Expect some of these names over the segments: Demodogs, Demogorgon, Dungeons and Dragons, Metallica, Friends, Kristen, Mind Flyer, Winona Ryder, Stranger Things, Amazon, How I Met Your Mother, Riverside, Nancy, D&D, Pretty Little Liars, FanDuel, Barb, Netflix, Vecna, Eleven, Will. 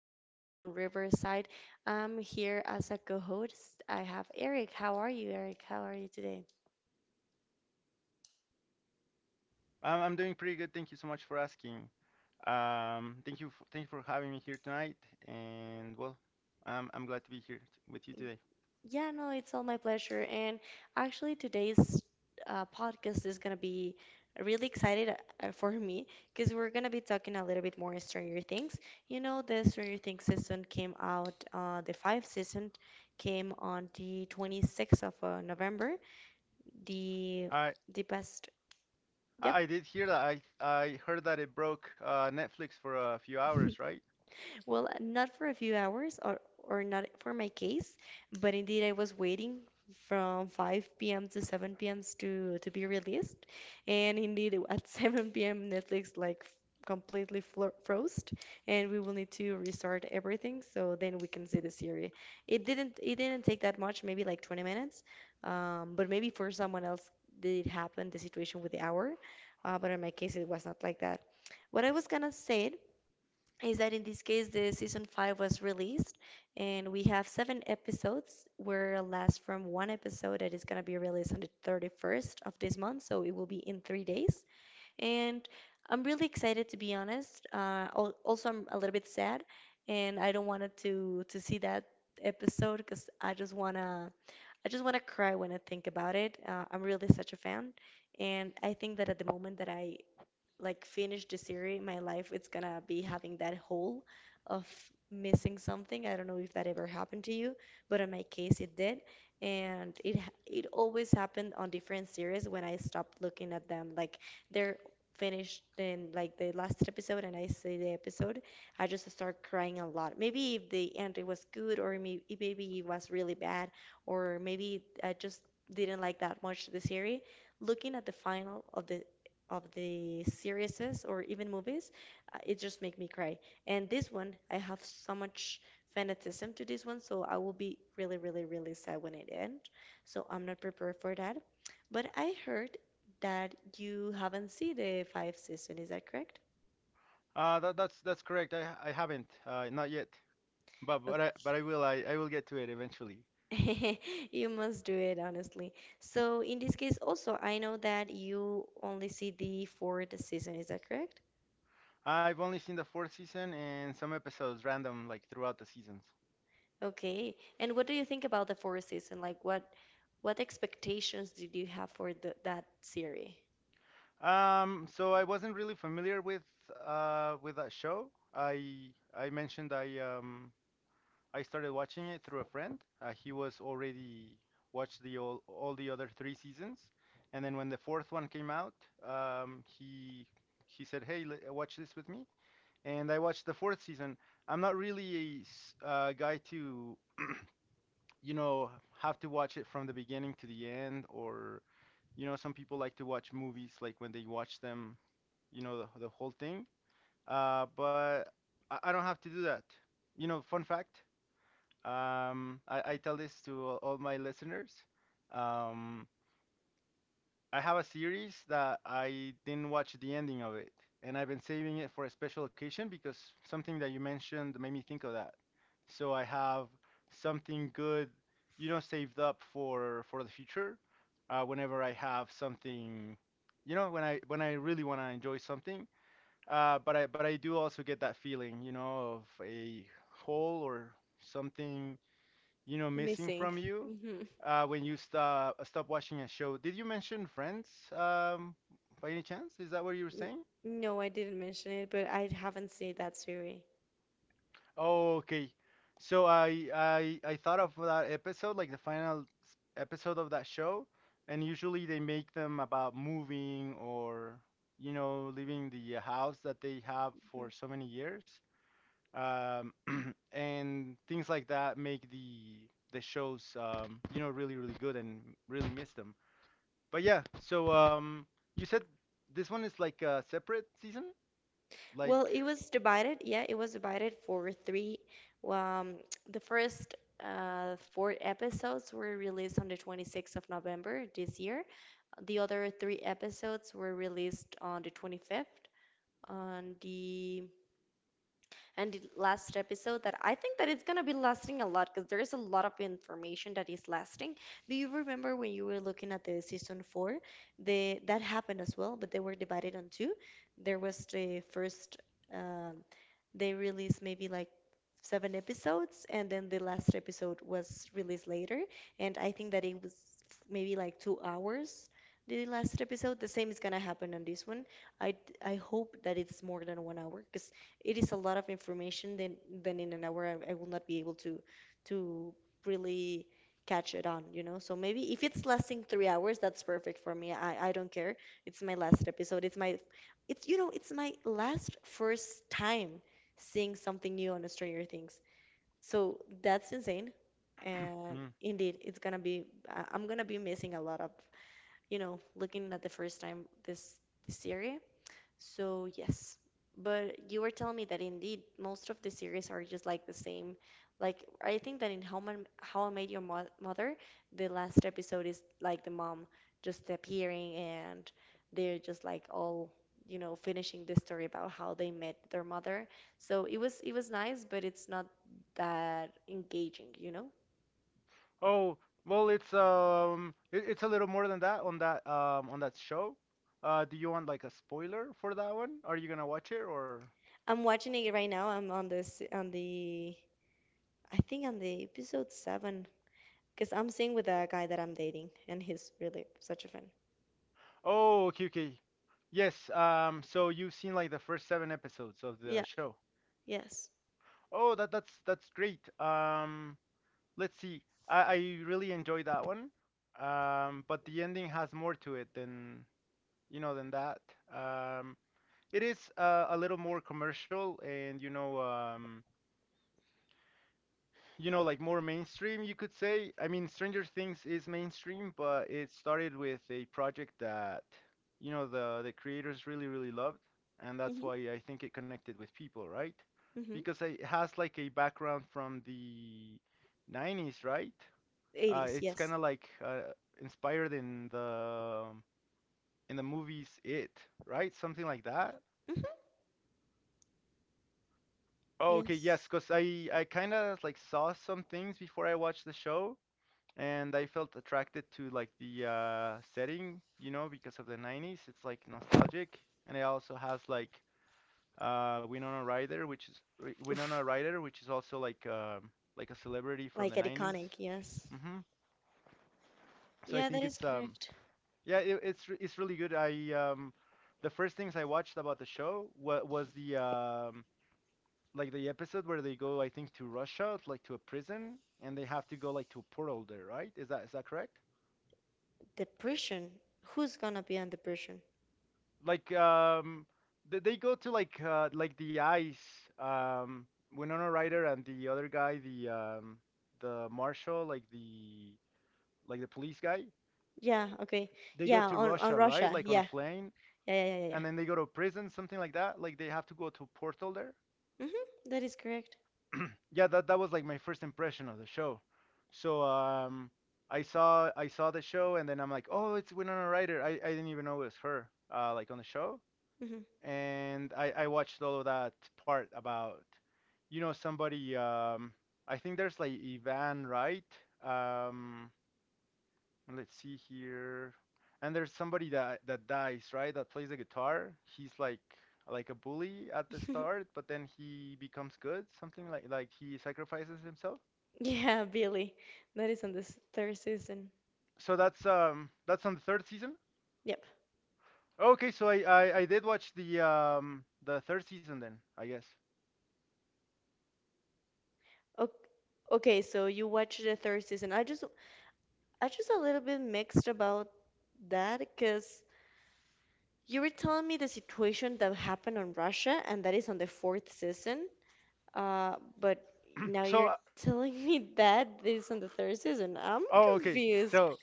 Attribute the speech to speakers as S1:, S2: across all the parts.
S1: today on Riverside. I'm here as a co-host. I have Eric. How are you, Eric? How are you today?
S2: I'm doing pretty good. Thank you so much for asking. Thank you, thank you for having me here tonight. And well, I'm glad to be here with you today.
S1: Yeah, no, it's all my pleasure. And actually, today's podcast is gonna be really excited for me because we're gonna be talking a little bit more Stranger Things. You know, the Stranger Things season came out, the five season came on the 26th of November. The
S2: I
S1: the best, yep,
S2: I heard that it broke Netflix for a few hours, right?
S1: Well, not for a few hours or not for my case, but indeed I was waiting from 5 p.m. to 7 p.m. to be released. And indeed at 7 p.m. Netflix like completely flo froze, and we will need to restart everything so then we can see the series. It didn't take that much, maybe like 20 minutes. But maybe for someone else did happen the situation with the hour, but in my case it was not like that. What I was gonna say is that in this case the season 5 was released, and we have seven episodes where last from one episode that is going to be released on the 31st of this month, so it will be in 3 days. And I'm really excited, to be honest. Also, I'm a little bit sad and I don't wanted to see that episode, because I just want to cry when I think about it. I'm really such a fan, and I think that at the moment that I like finish the series, my life it's gonna be having that hole of missing something. I don't know if that ever happened to you, but in my case it did, and it always happened on different series when I stopped looking at them. Like they're finished in like the last episode and I see the episode, I just start crying a lot. Maybe if the ending was good maybe it was really bad, or maybe I just didn't like that much the series. Looking at the final of the series or even movies, it just make me cry. And this one, I have so much fanatism to this one, so I will be really, really, really sad when it ends. So I'm not prepared for that. But I heard that you haven't seen the five season. Is that correct?
S2: That's correct. I haven't not yet, but but I
S1: Okay.
S2: but I will I, I will get to it eventually.
S1: You must do it, honestly. So in this case, also, I know that you only see the fourth season. Is that correct?
S2: I've only seen the fourth season and some episodes random like throughout the seasons.
S1: Okay. And what do you think about the fourth season? Like what expectations did you have for that series?
S2: So I wasn't really familiar with that show. I I mentioned I started watching it through a friend. He was already watched all the other three seasons, and then when the fourth one came out, um he he said, "Hey, watch this with me." And I watched the fourth season. I'm not really a guy to you know have to watch it from the beginning to the end, or you know some people like to watch movies like when they watch them you know, the whole thing. But I don't have to do that. You know, fun fact, I tell this to all my listeners. Um, I have a series that I didn't watch the ending of it, and I've been saving it for a special occasion because something that you mentioned made me think of that. So I have something good, you know, saved up for the future. Whenever I have something, you know, when I really want to enjoy something, but I do also get that feeling, you know, of a hole or something, you know, missing
S1: Missing.
S2: from you
S1: Hmm.
S2: when you stop watching a show. Did you mention Friends, um, by any chance? Is that what you were
S1: N-
S2: saying?
S1: No, I didn't mention it, but I haven't seen that series.
S2: Oh, okay. So I thought of that episode, like the final episode of that show, and usually they make them about moving or, you know, leaving the house that they have
S1: Mhm.
S2: for so many years. Um, and things like that make the shows you know really good and really miss them. But yeah, you said this one is like a separate season, like
S1: Well, it was divided. Yeah, it was divided for three. Um, the first four episodes were released on the 26th of November this year. The other three episodes were released on the 25th. On the And the last episode that I think that it's gonna be lasting a lot, because there is a lot of information that is lasting. Do you remember when you were looking at the season four? The That happened as well, but they were divided on two. There was the first. Uh, they released maybe like seven episodes, and then the last episode was released later. And I think that it was maybe like 2 hours, the last episode. The same is gonna happen on this one. I, I hope that it's more than 1 hour, because it is a lot of information. Then in an hour, I will not be able to really catch it on, you know? So maybe if it's lasting 3 hours, that's perfect for me. I don't care. It's my last episode. It's my it's you know, it's my last first time seeing something new on Stranger Things. So that's insane. And
S2: Hmm.
S1: indeed, it's gonna be, I'm gonna be missing a lot of, you know, looking at the first time this series. So, yes. But you were telling me that indeed most of the series are just like the same. Like I think that in How I Made Your Mo Mother, the last episode is like the mom just appearing and they're just like all, you know, finishing the story about how they met their mother. So it was nice, but it's not that engaging, you know?
S2: Oh well, it's a little more than that on that show. Do you want like a spoiler for that one? Are you gonna watch it or?
S1: I'm watching it right now. I'm on this on the I think on the episode seven. Because I'm seeing with a guy that I'm dating, and he's really such a fan.
S2: Oh, okay, okay. Yes. So you've seen like the first seven episodes of the
S1: Yeah.
S2: show.
S1: Yes.
S2: Oh, that's great. Let's see. I really enjoyed that one, but the ending has more to it than you know than that. Um, it is a little more commercial and you know like more mainstream you could say. I mean, Stranger Things is mainstream, but it started with a project that you know the creators really loved, and that's
S1: Mhm.
S2: why I think it connected with people, right?
S1: Hmm.
S2: Because it has like a background from the 90s, right? Uh,
S1: 80s.
S2: it's kind
S1: Yes.
S2: of like inspired in the movies It, right? Something like that.
S1: Hmm.
S2: Oh, okay, yes,
S1: Yes.
S2: because I kind of like saw some things before I watched the show, and I felt attracted to like the setting, you know, because of the 90s. It's like nostalgic, and it also has like Winona
S1: Oof.
S2: Ryder, which is also like a celebrity from
S1: Like
S2: the
S1: an
S2: 90s.
S1: iconic, yes.
S2: Hmm. So I
S1: Yeah, that
S2: think
S1: is
S2: it's
S1: correct.
S2: yeah, it's really good. I The first things I watched about the show wa was the like the episode where they go, I think, to Russia, like to a prison, and they have to go like to a portal there, right? Is that correct?
S1: Depression. Who's gonna be on depression?
S2: Like they go to like the ice. Um, Winona Ryder and the other guy, the marshal, like the police guy,
S1: Yeah, okay.
S2: they go
S1: Yeah,
S2: to
S1: on
S2: Russia, right?
S1: Russia.
S2: Like on a
S1: Yeah,
S2: plane,
S1: yeah, yeah, yeah, yeah.
S2: and then they go to prison, something like that. Like they have to go to a portal there.
S1: Yeah. Mhm. That is correct.
S2: Yeah, that was like my first impression of the show. So I saw the show, and then I'm like, oh, it's Winona Ryder. I didn't even know it was her, like on the show.
S1: Hmm.
S2: And I watched all of that part about, you know, somebody. I think there's like Ivan, right? Um, Let's see here. And there's somebody that dies, right? That plays the guitar. He's like a bully at the start, but then he becomes good. Something like he sacrifices himself.
S1: Yeah, Billy. That is on this third season.
S2: So that's on the third season.
S1: Yep.
S2: Okay, so I did watch the third season then, I guess.
S1: Okay, okay, so you watched the third season. I'm just a little bit mixed about that, because you were telling me the situation that happened on Russia, and that is on the fourth season. But now
S2: So
S1: you're
S2: uh,
S1: telling me that this is on the third season. I'm
S2: oh, okay.
S1: confused.
S2: So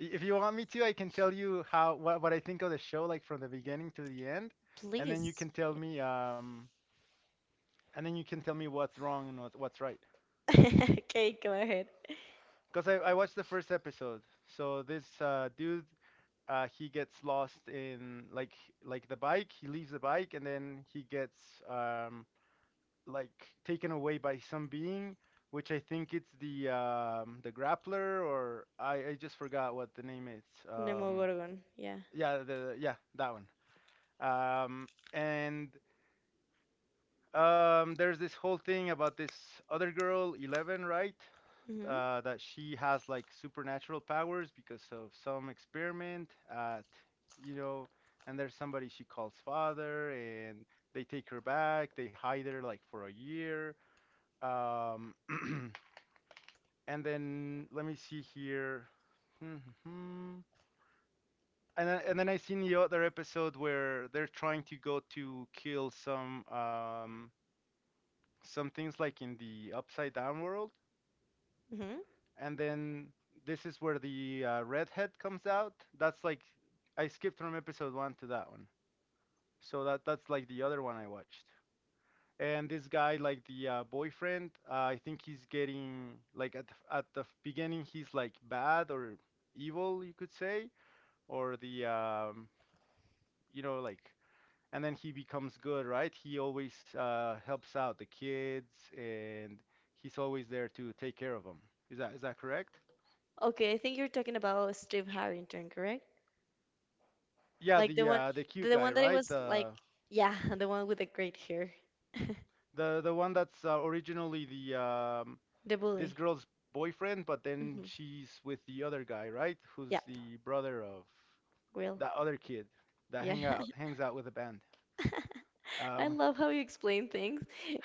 S2: if you want me to, I can tell you how what I think of the show like from the beginning to the end, and then you
S1: Please.
S2: can tell me what's wrong and what's right.
S1: Okay, go ahead.
S2: Because I watched the first episode. So this dude, he gets lost in like the bike. He leaves the bike and then he gets um, like taken away by some being, which I think it's the grappler or I just forgot what the name is. Um,
S1: Nemogorgon. Yeah.
S2: yeah, the yeah, that one. And There's this whole thing about this other girl, Eleven, right?
S1: Mm-hmm.
S2: That she has like supernatural powers because of some experiment at, you know, and there's somebody she calls father, and they take her back. They hide her like for a year. Um, and then let me see here. And then I seen the other episode where they're trying to go to kill some things like in the upside down world,
S1: Mm-hmm.
S2: and then this is where the redhead comes out. That's like I skipped from episode one to that one, so that's like the other one I watched. And this guy, like the boyfriend, I think he's getting like at the beginning he's like bad or evil, you could say, or the you know like, and then he becomes good, right? He always helps out the kids, and he's always there to take care of them. Is that correct?
S1: Okay, I think you're talking about Steve Harrington, correct?
S2: Yeah,
S1: Like
S2: the uh, the cute
S1: the
S2: guy,
S1: one that it
S2: right?
S1: was like,
S2: The
S1: yeah, the one with the great hair,
S2: the the one that's originally the
S1: the
S2: this
S1: bully.
S2: girl's boyfriend, but then
S1: Mm-hmm.
S2: she's with the other guy, right? Who's
S1: Yep.
S2: the brother of
S1: Will.
S2: that other kid that
S1: Yeah.
S2: hangs out with the band.
S1: I
S2: Um,
S1: love how you explain things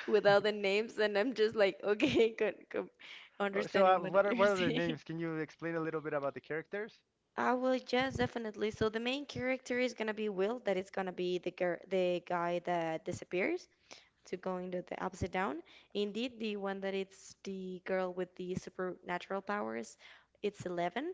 S1: without the names, and I'm just like, okay, good, good,
S2: oh,
S1: understanding what
S2: what are
S1: you're
S2: what are the
S1: saying.
S2: names? Can you explain a little bit about the characters?
S1: I will, yes, definitely. So the main character is gonna be Will, that is gonna be the girl, the guy that disappears to going to the upside down. Indeed, the one that it's the girl with the supernatural powers, it's 11.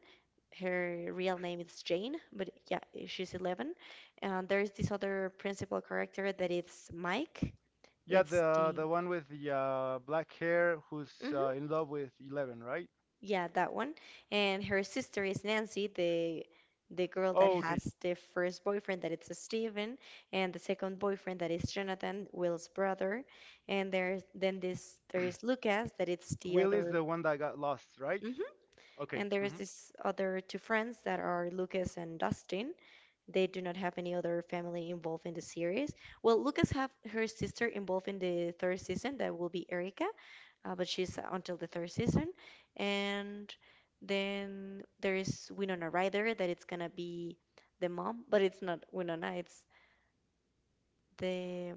S1: Her real name is Jane, but yeah, she's 11. And there is this other principal character that it's Mike.
S2: Yeah,
S1: It's
S2: the
S1: the
S2: the one with the black hair who's
S1: Mhm.
S2: in love with Eleven, right?
S1: Yeah, that one. And her sister is Nancy, the girl that
S2: Oh, okay.
S1: has the first boyfriend that it's Steven, and the second boyfriend that is Jonathan, Will's brother. And there's then this there is Lucas that it's the
S2: Will is
S1: other.
S2: the one that got lost, right?
S1: Mhm.
S2: Okay.
S1: And there is
S2: Hmm.
S1: this other two friends that are Lucas and Dustin. They do not have any other family involved in the series. Well, Lucas have her sister involved in the third season. That will be Erica, but she's until the third season. And then there is Winona Ryder that it's gonna be the mom, but it's not Winona. It's the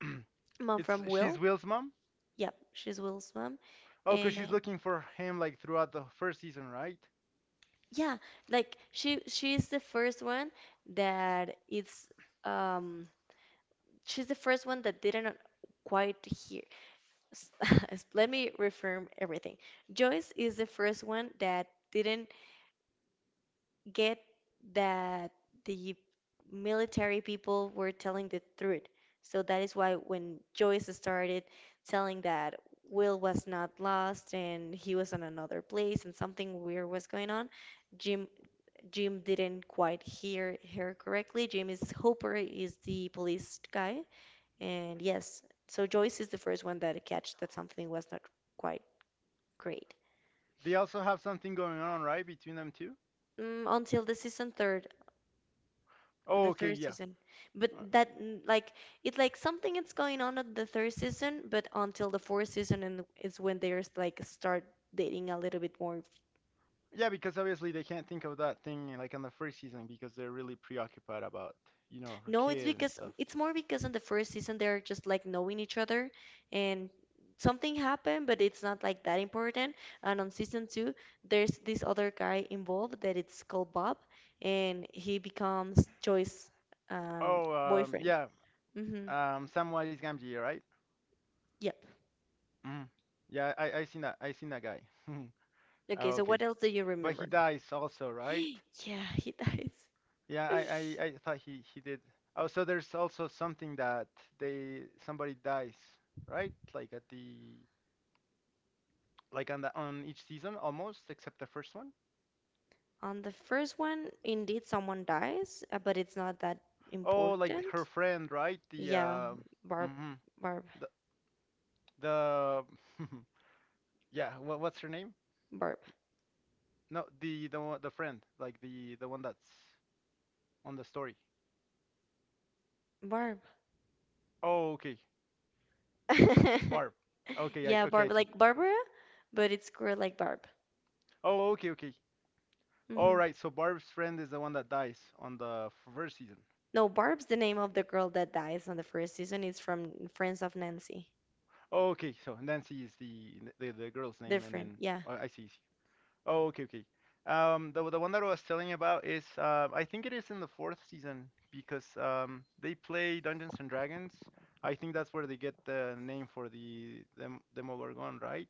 S1: mom
S2: It's
S1: from
S2: She's
S1: Will.
S2: Will's mom.
S1: Yep, she's Will's mom.
S2: Oh, because
S1: And
S2: she's looking for him like throughout the first season, right?
S1: yeah, like she's the first one that it's um she's the first one that didn't quite hear. S- s- Let me reframe everything. Joyce is the first one that didn't get that the military people were telling the truth. So that is why when Joyce started telling that Will was not lost and he was on another place and something weird was going on, Jim Jim didn't quite hear her correctly. Jim is Hooper is the police guy, and yes, so Joyce is the first one that catch that something was not quite great.
S2: They also have something going on, right, between them two?
S1: Mm, until the season third, the
S2: Oh, okay,
S1: third
S2: yeah.
S1: season. But
S2: Uh,
S1: that mm, like it like something is going on at the third season, but until the fourth season and it's when they're like start dating a little bit more.
S2: Yeah, because obviously they can't think of that thing like on the first season because they're really preoccupied about, you know, her
S1: No, it's
S2: kid and
S1: because
S2: stuff.
S1: it's more because in the first season they're just like knowing each other and something happened, but it's not like that important. And on season two, there's this other guy involved that it's called Bob, and he becomes Joy's
S2: Oh,
S1: boyfriend.
S2: yeah,
S1: Mm-hmm.
S2: Samwise Gamgee, right?
S1: Yep.
S2: Mm. Yeah, I seen that. I seen that guy.
S1: Okay,
S2: Oh,
S1: so
S2: okay,
S1: what else do you
S2: but he
S1: remember?
S2: dies also, right?
S1: Yeah, he dies.
S2: Yeah, I, I, I thought he did. Oh, so there's also something that they somebody dies, right? Like at the like on the on each season almost, except the first one.
S1: On the first one, indeed someone dies, but it's not that
S2: Oh, like her
S1: important.
S2: friend, right? The
S1: Yeah, Barb,
S2: Hmm.
S1: Barb,
S2: The the yeah. What's her name?
S1: Barb.
S2: No, the friend, like the one that's on the story.
S1: Barb.
S2: Oh, okay, Barb. Okay,
S1: Yeah,
S2: okay, I
S1: Barb,
S2: see.
S1: like Barbara, but it's girl like Barb.
S2: Oh, okay, okay. All
S1: Hmm.
S2: right. So Barb's friend is the one that dies on the first season.
S1: No, Barb's the name of the girl that dies on the first season. It's from Friends of Nancy.
S2: Oh, okay, so Nancy is the girl's name, and
S1: Different,
S2: then
S1: yeah.
S2: oh, I see. I see. Oh, okay, okay. The one that I was telling you about is I think it is in the fourth season because they play Dungeons and Dragons. I think that's where they get the name for the Demogorgon, right?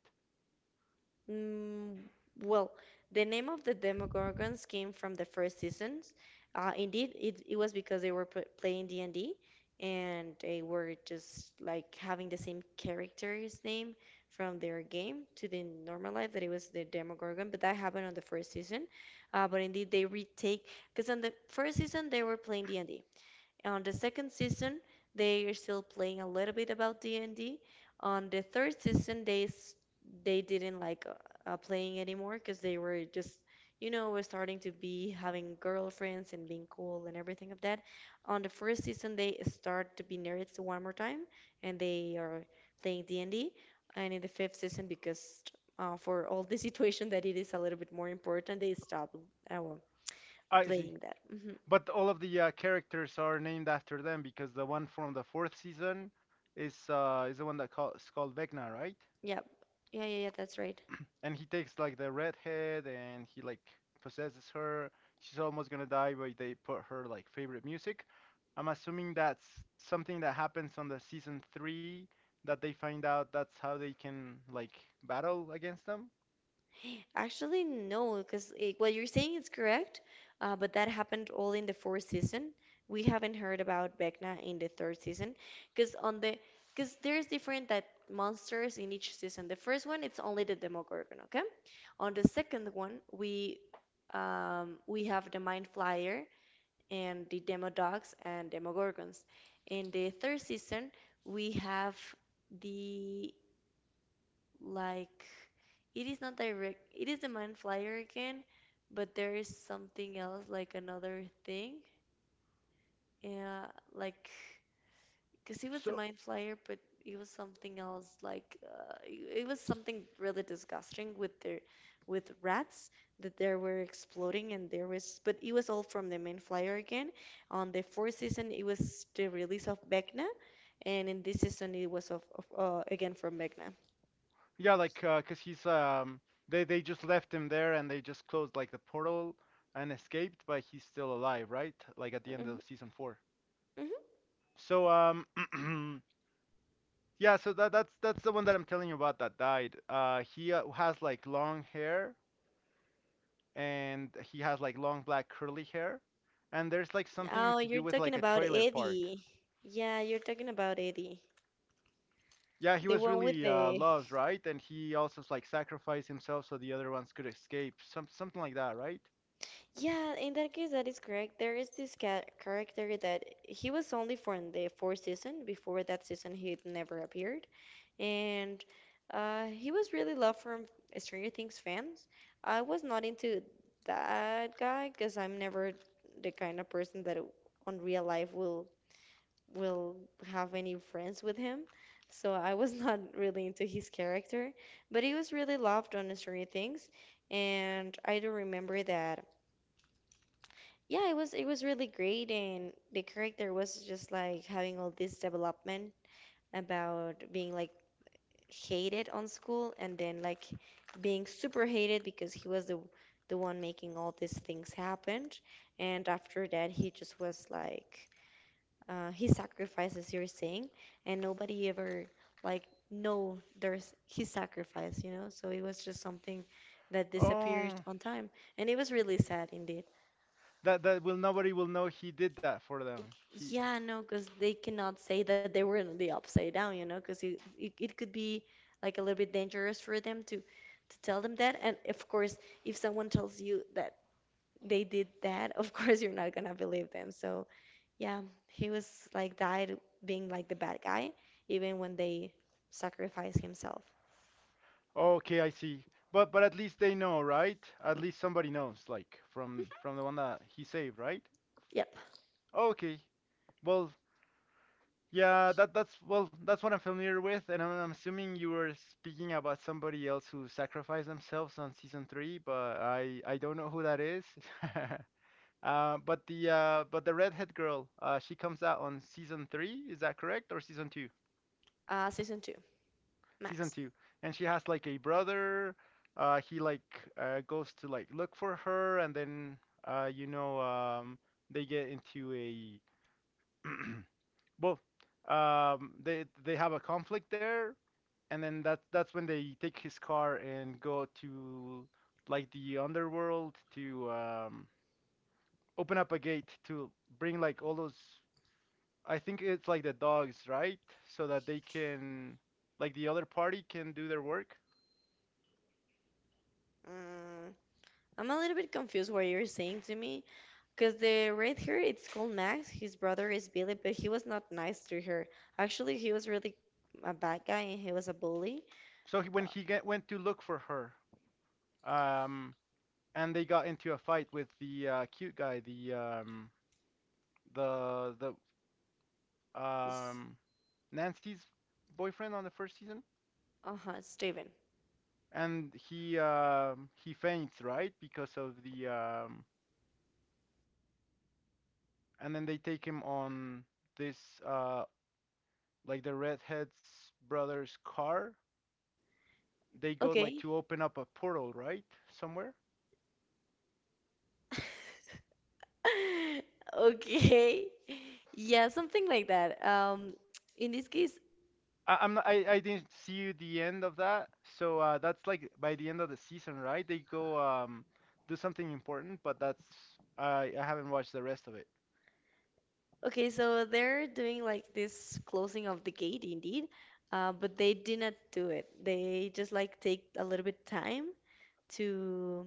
S1: Mm, well, the name of the Demogorgons came from the first seasons. Indeed, it was because they were p playing D&D and they were just like having the same character's name from their game to the normal life that it was the Demogorgon, but that happened on the first season. But indeed, they retake because on the first season they were playing D&D. On the second season, they are still playing a little bit about D&D. On the third season, they didn't like playing anymore because they were just, you know, were starting to be having girlfriends and being cool and everything of that. On the first season, they start to be nerds one more time, and they are playing D&D. And D. And in the fifth season, because for all the situation that it is a little bit more important, they stop well,
S2: I see.
S1: playing that.
S2: But all of the characters are named after them because the one from the fourth season is the one is called Vecna, right?
S1: Yeah. Yeah, yeah, yeah, that's right.
S2: And he takes like the redhead and he like possesses her. She's almost gonna die, but they put her like favorite music. I'm assuming that's something that happens on the season three that they find out that's how they can like battle against them.
S1: Actually, no, because what you're saying is correct, but that happened all in the fourth season. We haven't heard about Vecna in the third season, because on the because there's different that monsters in each season. The first one, it's only the Demogorgon, okay? On the second one, we have the Mind Flyer and the Demodogs and Demogorgons. In the third season, we have the like. It is not direct. It is the Mind Flyer again, but there is something else, like another thing. Yeah, like, because it was the
S2: So
S1: Mind Flyer, but it was something else. Like, it was something really disgusting with their, with rats that they were exploding, and there was, but it was all from the Mind Flyer again. On the fourth season, it was the release of Vecna, and in this season, it was of again from Vecna.
S2: yeah, like 'cause he's, they just left him there and they just closed like the portal and escaped, but he's still alive, right? Like at the end
S1: Mhm,
S2: of season four.
S1: mhm.
S2: So Yeah, so that's the one that I'm telling you about that died. He has like long hair and he has like long black curly hair, and there's like
S1: Oh,
S2: something to
S1: you're
S2: do with
S1: talking
S2: like a
S1: about
S2: trailer park.
S1: Eddie. Yeah, you're talking about Eddie.
S2: Yeah, he
S1: The
S2: was
S1: one with
S2: really
S1: the.
S2: loved, right? And he also like sacrificed himself so the other ones could escape, some something like that, right?
S1: Yeah, in that case, that is correct. There is this ca character that he was only for in the fourth season. Before that season, he never appeared. And he was really loved from Stranger Things fans. I was not into that guy because I'm never the kind of person that on real life will have any friends with him. So I was not really into his character, but he was really loved on Stranger Things, and I do remember that. Yeah, it was really great, and the character was just like having all this development about being like hated on school, and then like being super hated because he was the one making all these things happen, and after that he just was like his sacrifices you're saying and nobody ever like know there's his sacrifice, so it was just something that disappeared
S2: Oh,
S1: on time, and it was really sad indeed.
S2: that that will nobody will know he did that for them. He,
S1: Yeah, no, because they cannot say that they were in the upside down, you know, because it could be like a little bit dangerous for them to tell them that. And of course, if someone tells you that they did that, of course you're not gonna believe them. So yeah, he was like died being like the bad guy, even when they sacrifice himself.
S2: okay, I see. But at least they know, right? At least somebody knows, like from the one that he saved, right?
S1: Yep.
S2: Okay. Well, yeah, that's that's what I'm familiar with, and I'm assuming you were speaking about somebody else who sacrificed themselves on season three, but I don't know who that is. But the redhead girl, she comes out on season three, is that correct? Or season two?
S1: Season two,
S2: Season
S1: Max.
S2: two, and she has like a brother. He like goes to like look for her, and then uh, you know um, they get into a well, they have a conflict there, and then that's when they take his car and go to like the underworld to open up a gate to bring like all those. I think it's like the dogs, right? So that they can, like the other party can do their work.
S1: Mm, I'm a little bit confused what you're saying to me, because the red hair it's called Max. His brother is Billy, but he was not nice to her. Actually, he was really a bad guy and he was a bully.
S2: So he, when he get, went to look for her, um, and they got into a fight with the cute guy, the
S1: S-
S2: um, Nancy's boyfriend on the first season,
S1: Uh-huh, Steven.
S2: and he faints, right, because of the and then they take him on this uh, like the redhead's brother's car. They go like
S1: Okay.
S2: to open up a portal, right, somewhere.
S1: Okay. Yeah, something like that. In this case,
S2: I, I'm not, I didn't see the end of that, so that's like by the end of the season, right? They go do something important, but that's I haven't watched the rest of it.
S1: okay, so they're doing like this closing of the gate indeed, but they did not do it. They just like take a little bit time to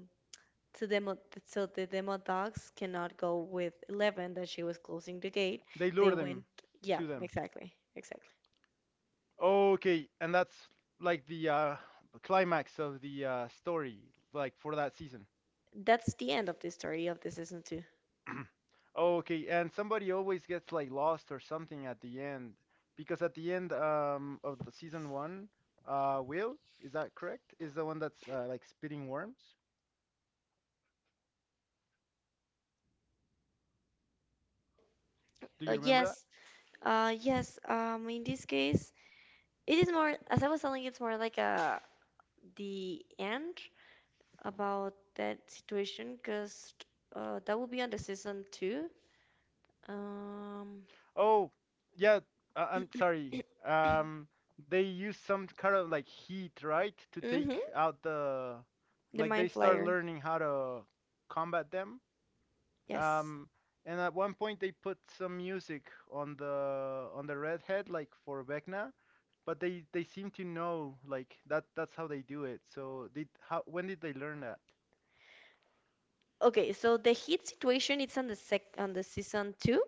S1: to demo so the demo dogs cannot go with Eleven that she was closing the gate.
S2: They
S1: They
S2: lure them
S1: went, yeah,
S2: to them.
S1: exactly, exactly.
S2: Okay, and that's like the climax of the story, like for that season.
S1: That's the end of the story of the season two.
S2: Okay, and somebody always gets like lost or something at the end, because at the end of the season one, Will, is that correct? Is the one that's like spitting worms? Do you remember that?
S1: Yes, yes. In this case, it is more, as I was telling, it's more like a the end about that situation because that will be on the season two. Um,
S2: Oh, yeah, I- I'm sorry. They use some kind of like heat, right, to
S1: mhm,
S2: take out the,
S1: the
S2: like they
S1: Mind
S2: start
S1: Flyer.
S2: learning how to combat them.
S1: Yes.
S2: Um, and at one point they put some music on the redhead, like for Vecna, but they seem to know like that that's how they do it. So did how when did they learn that?
S1: Okay, so the hit situation it's on the sec on the season two,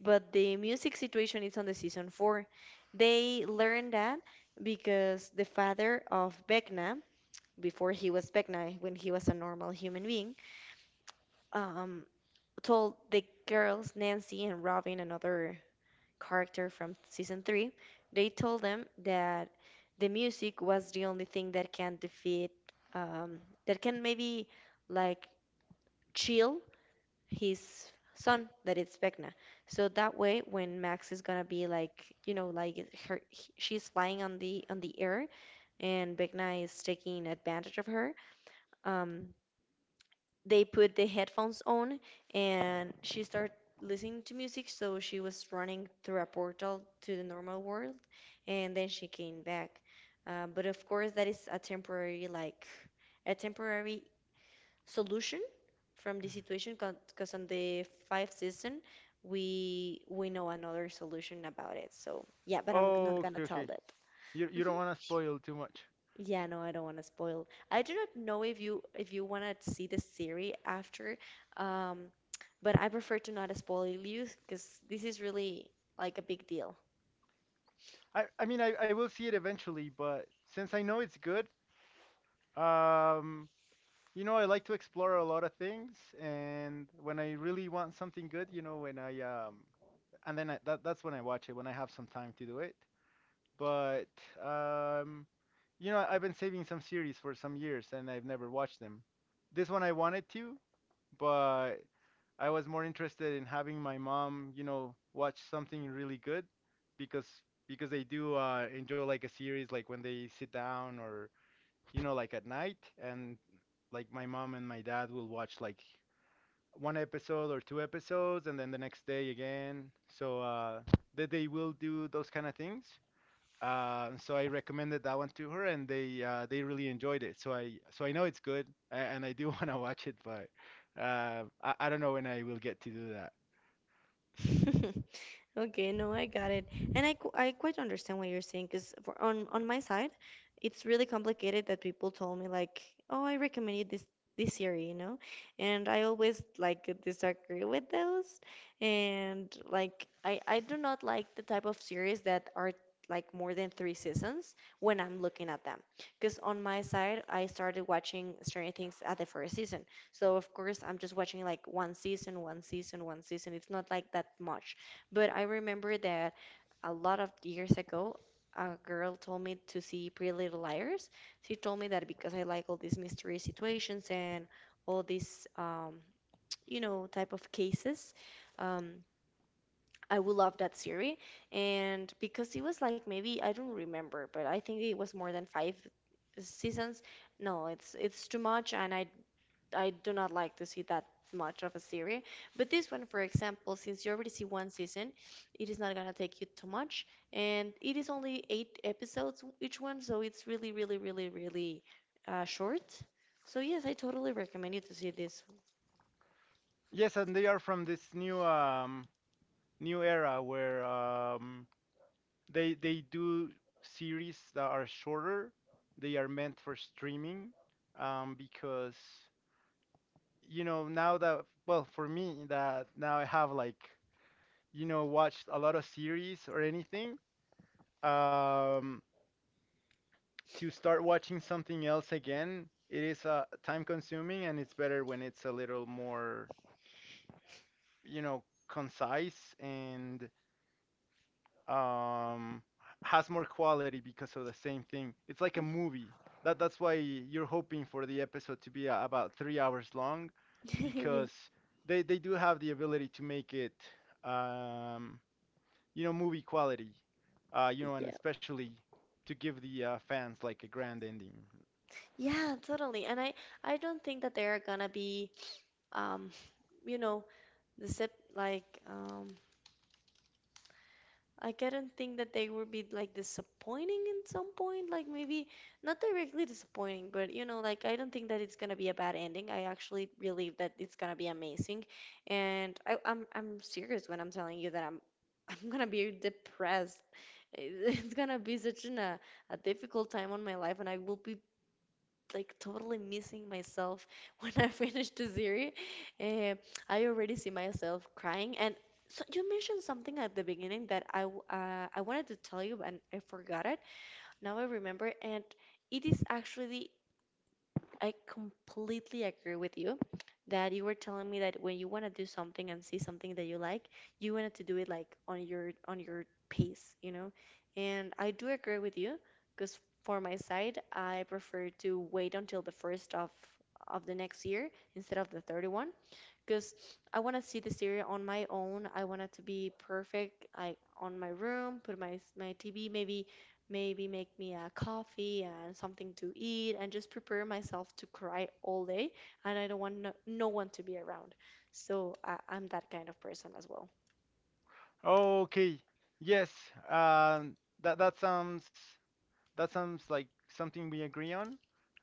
S1: but the music situation it's on the season four. They learned that because the father of Vecna, before he was Vecna, when he was a normal human being, um, told the girls Nancy and Robin and other character from season three, they told them that the music was the only thing that can defeat, um, that can maybe like chill his son, that is Vecna. So that way, when Max is gonna be like, you know, like her, she's flying on the air, and Vecna is taking advantage of her. Um, they put the headphones on and she started listening to music, so she was running through a portal to the normal world, and then she came back. Uh, but of course that is a temporary like a temporary solution from the situation, because on the fifth season we know another solution about it. So yeah, but I'm not
S2: Oh, okay,
S1: gonna tell
S2: okay.
S1: that.
S2: You don't
S1: Mm-hmm.
S2: want to spoil too much.
S1: Yeah, no, I don't want to spoil. I do not know if you want to see the series after, um, but I prefer to not spoil you because this is really like a big deal.
S2: I mean I will see it eventually, but since I know it's good, um, you know I like to explore a lot of things, and when I really want something good, you know, when I and then I, that's when I watch it when I have some time to do it. But um, you know, I've been saving some series for some years and I've never watched them. This one I wanted to, but I was more interested in having my mom, you know, watch something really good because because they do enjoy like a series like when they sit down or you know like at night and like my mom and my dad will watch like one episode or two episodes and then the next day again. So that they will do those kind of things. And so I recommended that one to her, and they really enjoyed it. So I know it's good, a- and I do want to watch it, but I don't know when I will get to do that.
S1: Okay, no, I got it. And I quite understand what you're saying, because for on my side, it's really complicated that people told me like, "Oh, I recommended this series," you know? And I always like disagree with those. And like I do not like the type of series that are like more than three seasons when I'm looking at them. Because on my side, I started watching Stranger Things at the first season. So of course, I'm just watching like one season, one season, one season. It's not like that much. But I remember that a lot of years ago, a girl told me to see Pretty Little Liars. She told me that because I like all these mystery situations and all these, you know, type of cases. Um, I would love that series. And because it was like maybe I don't remember, but I think it was more than five seasons. No, it's too much, and I do not like to see that much of a series. But this one, for example, since you already see one season, it is not gonna take you too much, and it is only eight episodes each one, so it's really, really, really, really short. So yes, I totally recommend you to see this.
S2: Yes, and they are from this new new era where they do series that are shorter. They are meant for streaming because you know now that well for me that now I have like you know watched a lot of series or anything. Um, to start watching something else again, it is time consuming and it's better when it's a little more, you know, concise and um, has more quality because of the same thing. It's like a movie. That's why you're hoping for the episode to be about 3 hours long,
S1: Yeah,
S2: because they do have the ability to make it, um, you know, movie quality, you know, and
S1: yeah,
S2: especially to give the fans like a grand ending.
S1: yeah, totally. And I don't think that they are gonna be, um, you know, the sep like, like, I couldn't think that they would be like disappointing in some point, like maybe not directly disappointing, but you know, like I don't think that it's gonna be a bad ending. I actually believe that it's gonna be amazing, and I'm serious when I'm telling you that I'm I'm gonna be depressed. It's gonna be such an, a difficult time on my life, and I will be like totally missing myself when I finished the series. Eh, I already see myself crying. And so you mentioned something at the beginning that I wanted to tell you and I forgot it. Now I remember, and it is actually I completely agree with you that you were telling me that when you want to do something and see something that you like, you wanted to do it like on your pace, you know? And I do agree with you, because for my side, I prefer to wait until the first of the next year instead of the 31st, because I want to see the series on my own. I want it to be perfect. I on my room, put my TV, maybe make me a coffee and something to eat, and just prepare myself to cry all day. And I don't want no one to be around. So I'm that kind of person as well.
S2: Okay. Yes. Um, that sounds that sounds like something we agree on.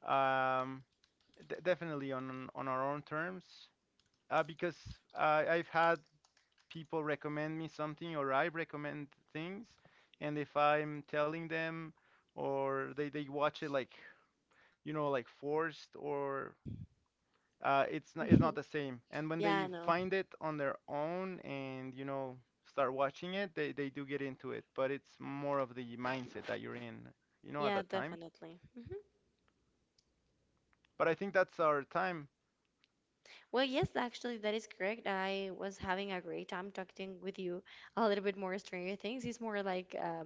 S2: Um, d definitely on our own terms. Because I've had people recommend me something or I recommend things, and if I'm telling them or they watch it like you know like forced or it's not the same. And when
S1: Yeah, I
S2: they
S1: know.
S2: find it on their own and you know start watching it, they do get into it. But it's more of the mindset that you're in, you know, at
S1: Yeah,
S2: that time.
S1: definitely. Mm-hmm.
S2: But I think that's our time.
S1: Well, yes, actually, that is correct. I was having a great time talking with you a little bit more Stranger Things. It's more like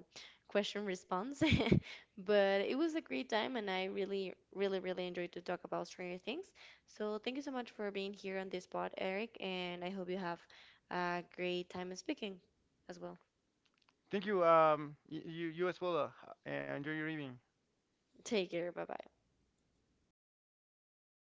S1: question response, but it was a great time, and I really, really, really enjoyed to talk about Stranger Things. So thank you so much for being here on this pod, Eric, and I hope you have a great time speaking as well.
S2: Thank you. Y- you you as well. Enjoy your evening.
S1: Take care. Bye bye.